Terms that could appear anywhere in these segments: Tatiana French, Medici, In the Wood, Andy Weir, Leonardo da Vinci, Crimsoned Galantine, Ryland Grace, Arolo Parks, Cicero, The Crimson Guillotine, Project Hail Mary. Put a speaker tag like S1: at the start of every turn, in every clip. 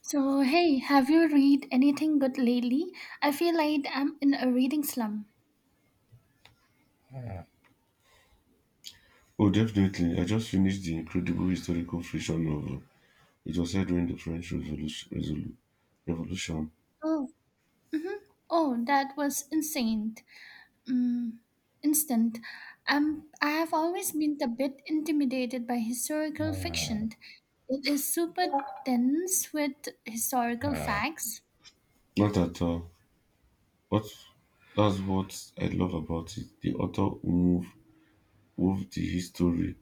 S1: So, hey, have you read anything good lately? I feel like I'm in a reading slump.
S2: Oh, definitely. I just finished the incredible historical fiction novel. It was set during the French Revolution. Revolution.
S1: Oh, oh, that was insane. Mm, instant. I have always been a bit intimidated by historical fiction. It is super dense with historical facts.
S2: Not at all. What That's what I love about it. The author wove the history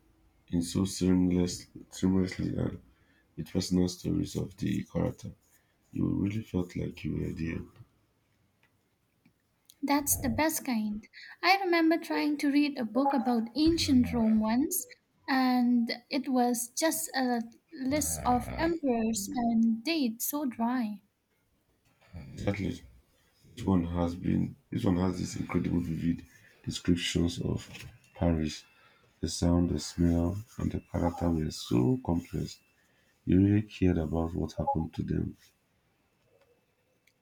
S2: in so seamlessly and with personal stories of the character. You really felt like you were there.
S1: That's the best kind. I remember trying to read a book about ancient Rome once, and it was just a list of emperors and dates, so dry.
S2: Exactly. This one has these incredible vivid descriptions of Paris. The sound, the smell, and the character were so complex. You really cared about what happened to them.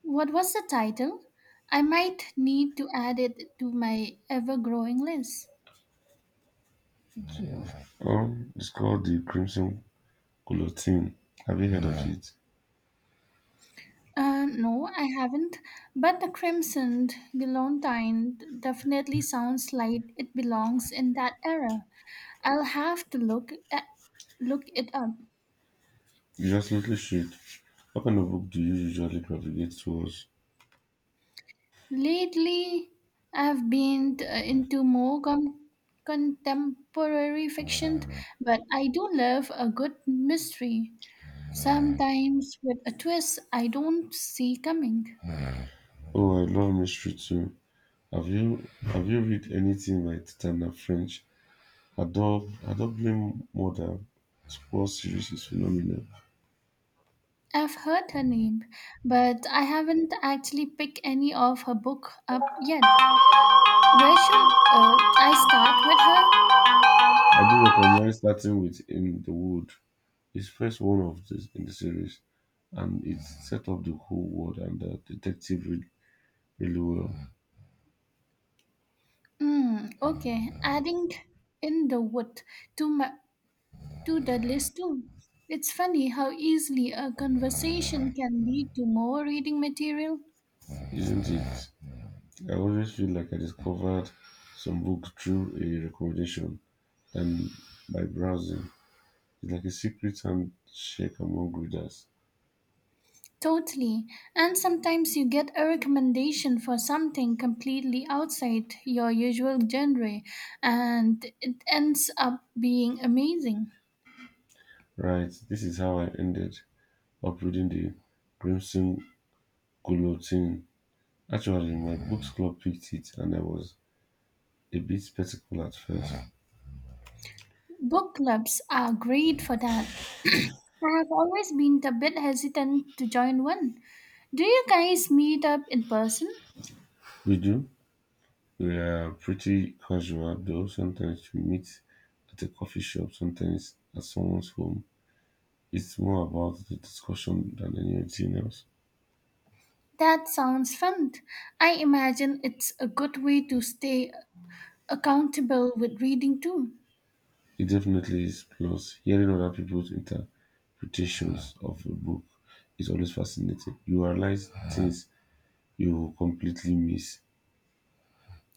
S1: What was the title? I might need to add it to my ever growing list.
S2: It's called the Crimson Guillotine. Have you heard of No. it?
S1: No, I haven't, but the Crimsoned Galantine definitely sounds like it belongs in that era. I'll have to look it up.
S2: You absolutely should. What kind of book do you usually gravitate towards?
S1: Lately, I've been into contemporary fiction, but I do love a good mystery, sometimes with a twist I don't see coming.
S2: Oh, I love mystery too. Have you read anything by Tatiana French? Adore Adore Blame Mother. This whole series is phenomenal.
S1: I've heard her name, but I haven't actually picked any of her book up yet. Where should I start with
S2: I do recommend starting with In the Wood. It's first one of this in the series, and it set up the whole world and the detective really well,
S1: her? Mm, okay, adding in the wood to my to Dudley's tomb. It's funny how easily a conversation can lead to more reading material.
S2: isn't it? I always feel like I discovered some book through a recommendation and by browsing. It's like a secret handshake among readers.
S1: Totally. And sometimes you get a recommendation for something completely outside your usual genre, and it ends up being amazing.
S2: Right, this is how I ended up reading the Crimson Guillotine. Actually, my books club picked it, and I was a bit skeptical at first.
S1: Book clubs are great for that. I have always been a bit hesitant to join one. Do you guys meet up in person?
S2: We do? We are pretty casual though, sometimes we meet at a coffee shop, sometimes at someone's home. It's more about the discussion than anything else.
S1: That sounds fun. I imagine it's a good way to stay accountable with reading too.
S2: It definitely is. Plus, hearing other people's interpretations of a book is always fascinating. You realize things you completely miss.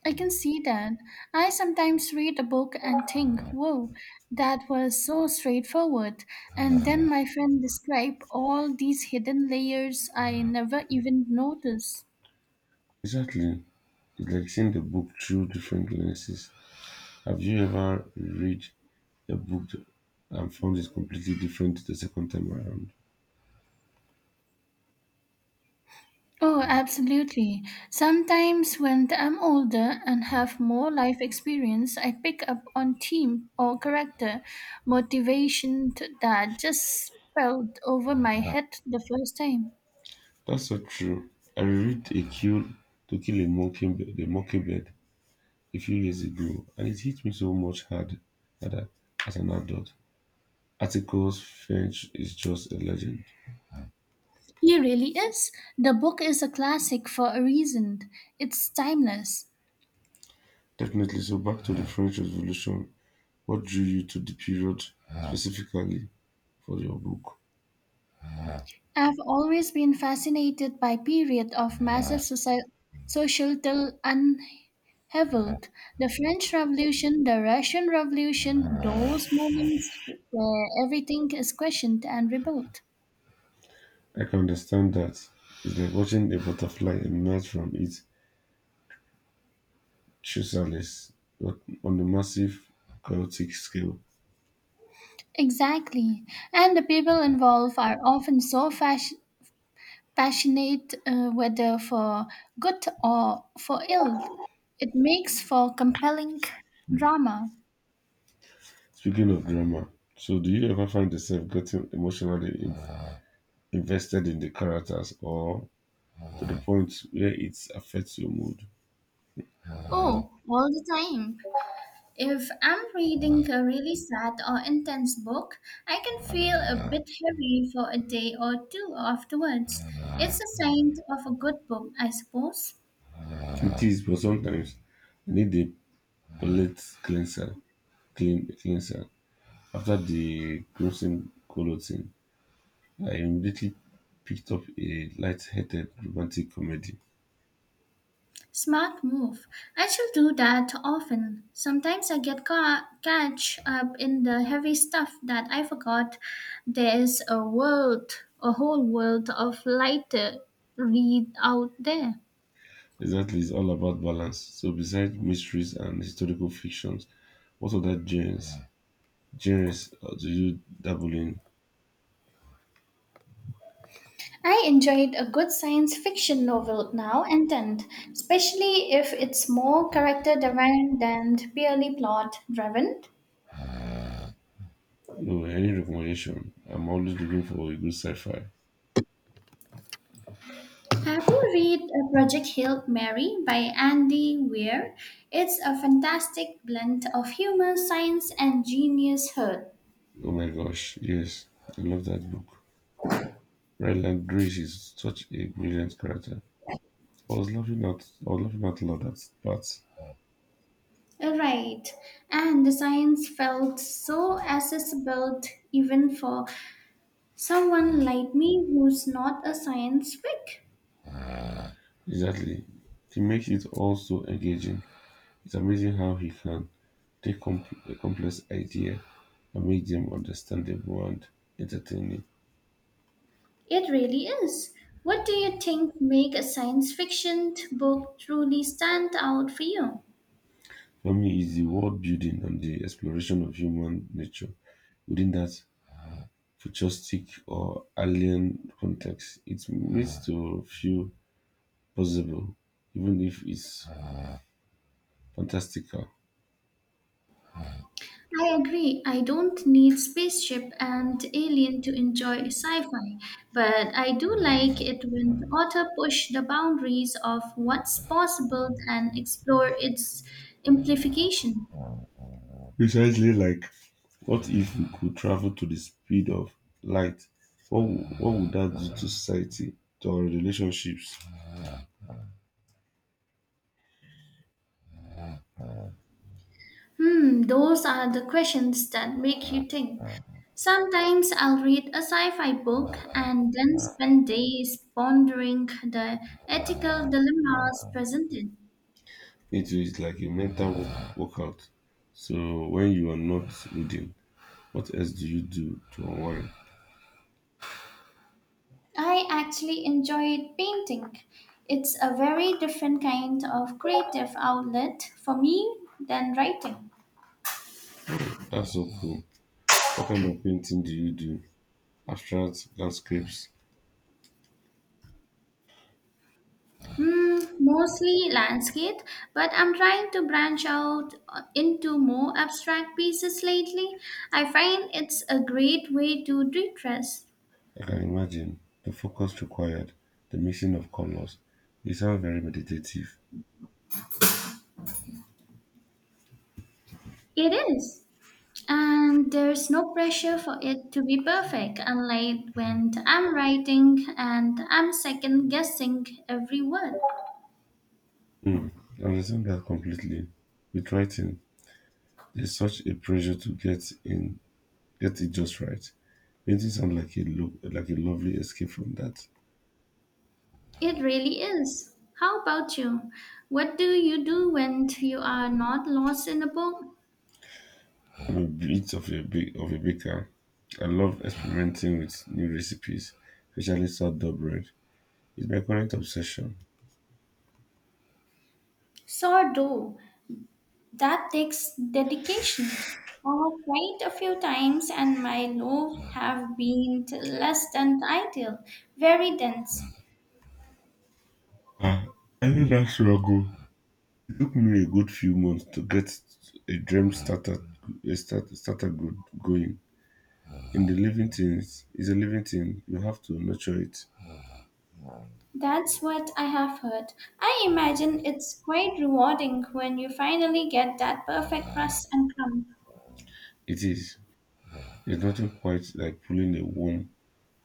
S1: I can see that. I sometimes read a book and think, whoa, that was so straightforward. And then my friend describe all these hidden layers I never even noticed.
S2: Exactly. It's like seeing the book through different lenses. Have you ever read a book and found it completely different the second time around?
S1: Oh, absolutely. Sometimes when I'm older and have more life experience, I pick up on theme or character motivation that just felt over my head the first time.
S2: That's so true. I read a kill to kill a a mockingbird a few years ago, and it hit me so much harder as an adult. Articles French is just a legend.
S1: He really is. The book is a classic for a reason. It's timeless.
S2: Definitely. So back to the French Revolution. What drew you to the period specifically for your book?
S1: I've always been fascinated by period of massive societal unheveled. The French Revolution, the Russian Revolution, those moments where everything is questioned and rebuilt.
S2: I can understand that. It's like watching a butterfly emerge from its chrysalis, but on a massive chaotic scale.
S1: Exactly. And the people involved are often so passionate, whether for good or for ill. It makes for compelling drama.
S2: Speaking of drama, so do you ever find yourself getting emotionally invested in the characters or to the point where it affects your mood?
S1: Oh, all the time. If I'm reading a really sad or intense book, I can feel a bit heavy for a day or two afterwards. It's a sign of a good book, I suppose.
S2: It is, but sometimes I need a palate cleanser. After the Crimson Colo thing, I immediately picked up a light-hearted romantic comedy.
S1: Smart move. I still do that often. Sometimes I get catch up in the heavy stuff that I forgot. There's a world, a whole world of lighter read out there.
S2: Exactly, it's all about balance. So besides mysteries and historical fictions, what other genres do you dabble in?
S1: I enjoyed a good science fiction novel now and then, especially if it's more character driven than purely plot driven.
S2: No, any recommendation? I'm always looking for a good sci-fi.
S1: Have you read Project Hail Mary by Andy Weir? It's a fantastic blend of humor, science, and genius hood.
S2: Oh my gosh, yes, I love that book. Ryland Grace is such a brilliant character. I was laughing out loud at that.
S1: Right, and the science felt so accessible even for someone like me who's not a science freak.
S2: Exactly. He makes it all so engaging. It's amazing how he can take a complex idea and make them understandable and entertaining.
S1: It really is. What do you think make a science fiction book truly stand out for you?
S2: For me, it's the world building and the exploration of human nature within that futuristic or alien context. It needs to feel possible, even if it's fantastical.
S1: I agree. I don't need spaceship and alien to enjoy sci-fi, but I do like it when the author push the boundaries of what's possible and explore its implication.
S2: Precisely like, what if we could travel to the speed of light? What would that do to society, to our relationships?
S1: Hmm, those are the questions that make you think. Sometimes I'll read a sci-fi book and then spend days pondering the ethical dilemmas presented.
S2: It is like a mental workout. So when you are not reading, what else do you do to unwind?
S1: I actually enjoyed painting. It's a very different kind of creative outlet for me than writing.
S2: Oh, that's so cool. What kind of painting do you do? Abstract landscapes.
S1: Hmm, mostly landscape, but I'm trying to branch out into more abstract pieces lately. I find it's a great way to de-stress.
S2: I can imagine. The focus required, the mixing of colors. You sound very meditative.
S1: It is. And there's no pressure for it to be perfect, unlike when I'm writing and I'm second guessing every word.
S2: Mm, I understand that completely. With writing, there's such a pressure to get it just right. Painting sounds like like a lovely escape from that.
S1: It really is. How about you? What do you do when you are not lost in a book?
S2: I'm a bit of a baker. I love experimenting with new recipes, especially sourdough bread. It's my current obsession.
S1: Sourdough. That takes dedication. I've tried a few times and my loaves have been less than ideal, very dense.
S2: Ah, I think that struggle took me a good few months to get a Dream starter good going. In the living things is a living thing. You have to nurture it.
S1: That's what I have heard. I imagine it's quite rewarding when you finally get that perfect crust and crumb.
S2: It is. There's nothing quite like pulling a warm,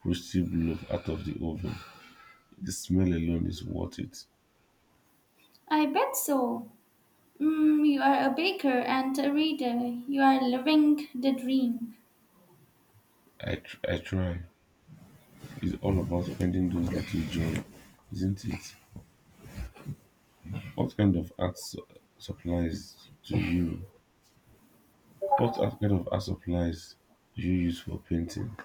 S2: roasty loaf out of the oven. The smell alone is worth it.
S1: I bet so. Mm, you are a baker and a reader. You are living the dream.
S2: I try. It's all about finding those little joy, isn't it? What kind of art su- supplies do you? What art- kind of art supplies do you use for painting?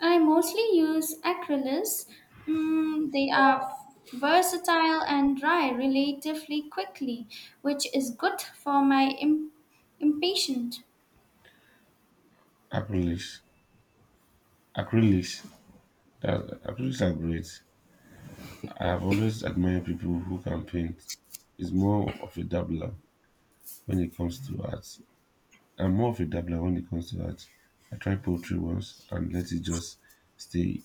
S1: I mostly use acrylics. Mm, they are versatile and dry relatively quickly, which is good for my impatient.
S2: Acrylics. Acrylics That, I are great. I have always admired people who can paint. It's more of a dabbler when it comes to art. I'm more of a dabbler when it comes to art. I tried poetry once and let it just stay.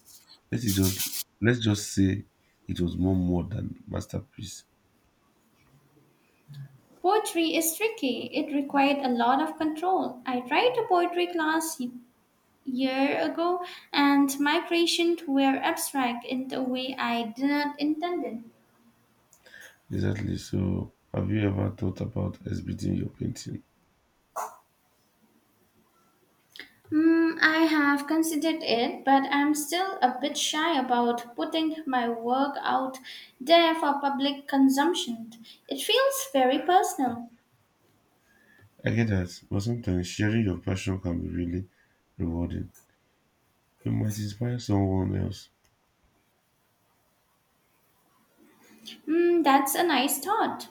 S2: Let it just let's just say it was more than masterpiece.
S1: Poetry is tricky. It required a lot of control. I tried a poetry class year ago, and my creations were abstract in the way I did not intend. It.
S2: Exactly. So have you ever thought about exhibiting your painting?
S1: Hmm, I have considered it, but I'm still a bit shy about putting my work out there for public consumption. It feels very personal.
S2: I get that, but sometimes sharing your passion can be really rewarding. You might inspire someone else.
S1: Hmm, that's a nice thought.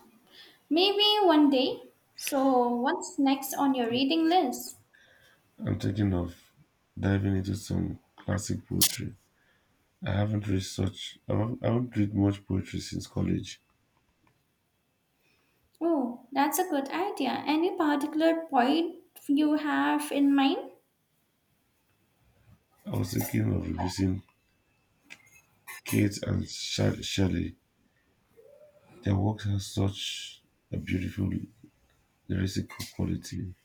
S1: Maybe one day. So, what's next on your reading list?
S2: I'm thinking of diving into some classic poetry. I haven't read much poetry since college.
S1: Oh, that's a good idea. Any particular point you have in mind?
S2: I was thinking of revising Keats and Shelley. Their works have such a beautiful lyrical quality.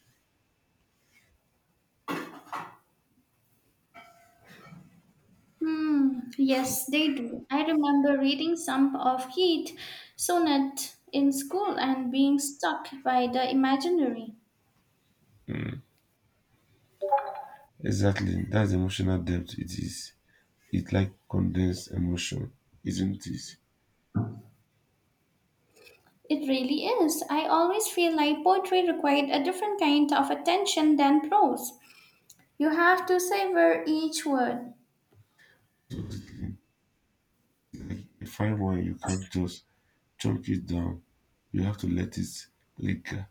S1: Hmm, yes, they do. I remember reading some of Heat sonnet in school and being struck by the imaginary.
S2: Exactly, that's emotional depth. It is. It's like condensed emotion, isn't it?
S1: It really is. I always feel like poetry required a different kind of attention than prose. You have to savor each word.
S2: Absolutely. You find one you can't just chunk it down. You have to let it linger.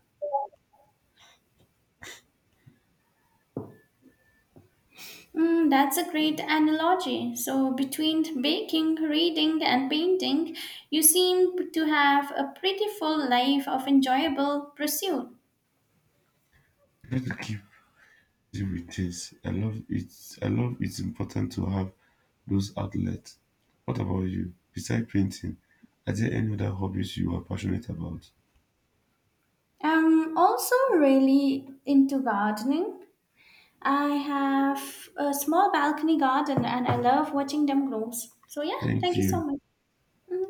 S1: Mm, that's a great analogy. So, between baking, reading, and painting, you seem to have a pretty full life of enjoyable pursuit.
S2: You have to keep busy. I love it. I love it's important to have those outlets. What about you? Besides painting, are there any other hobbies you are passionate about?
S1: I'm also really into gardening. I have a small balcony garden and I love watching them grow. So, yeah,
S2: Thank
S1: thank you so
S2: you.
S1: much. Mhm.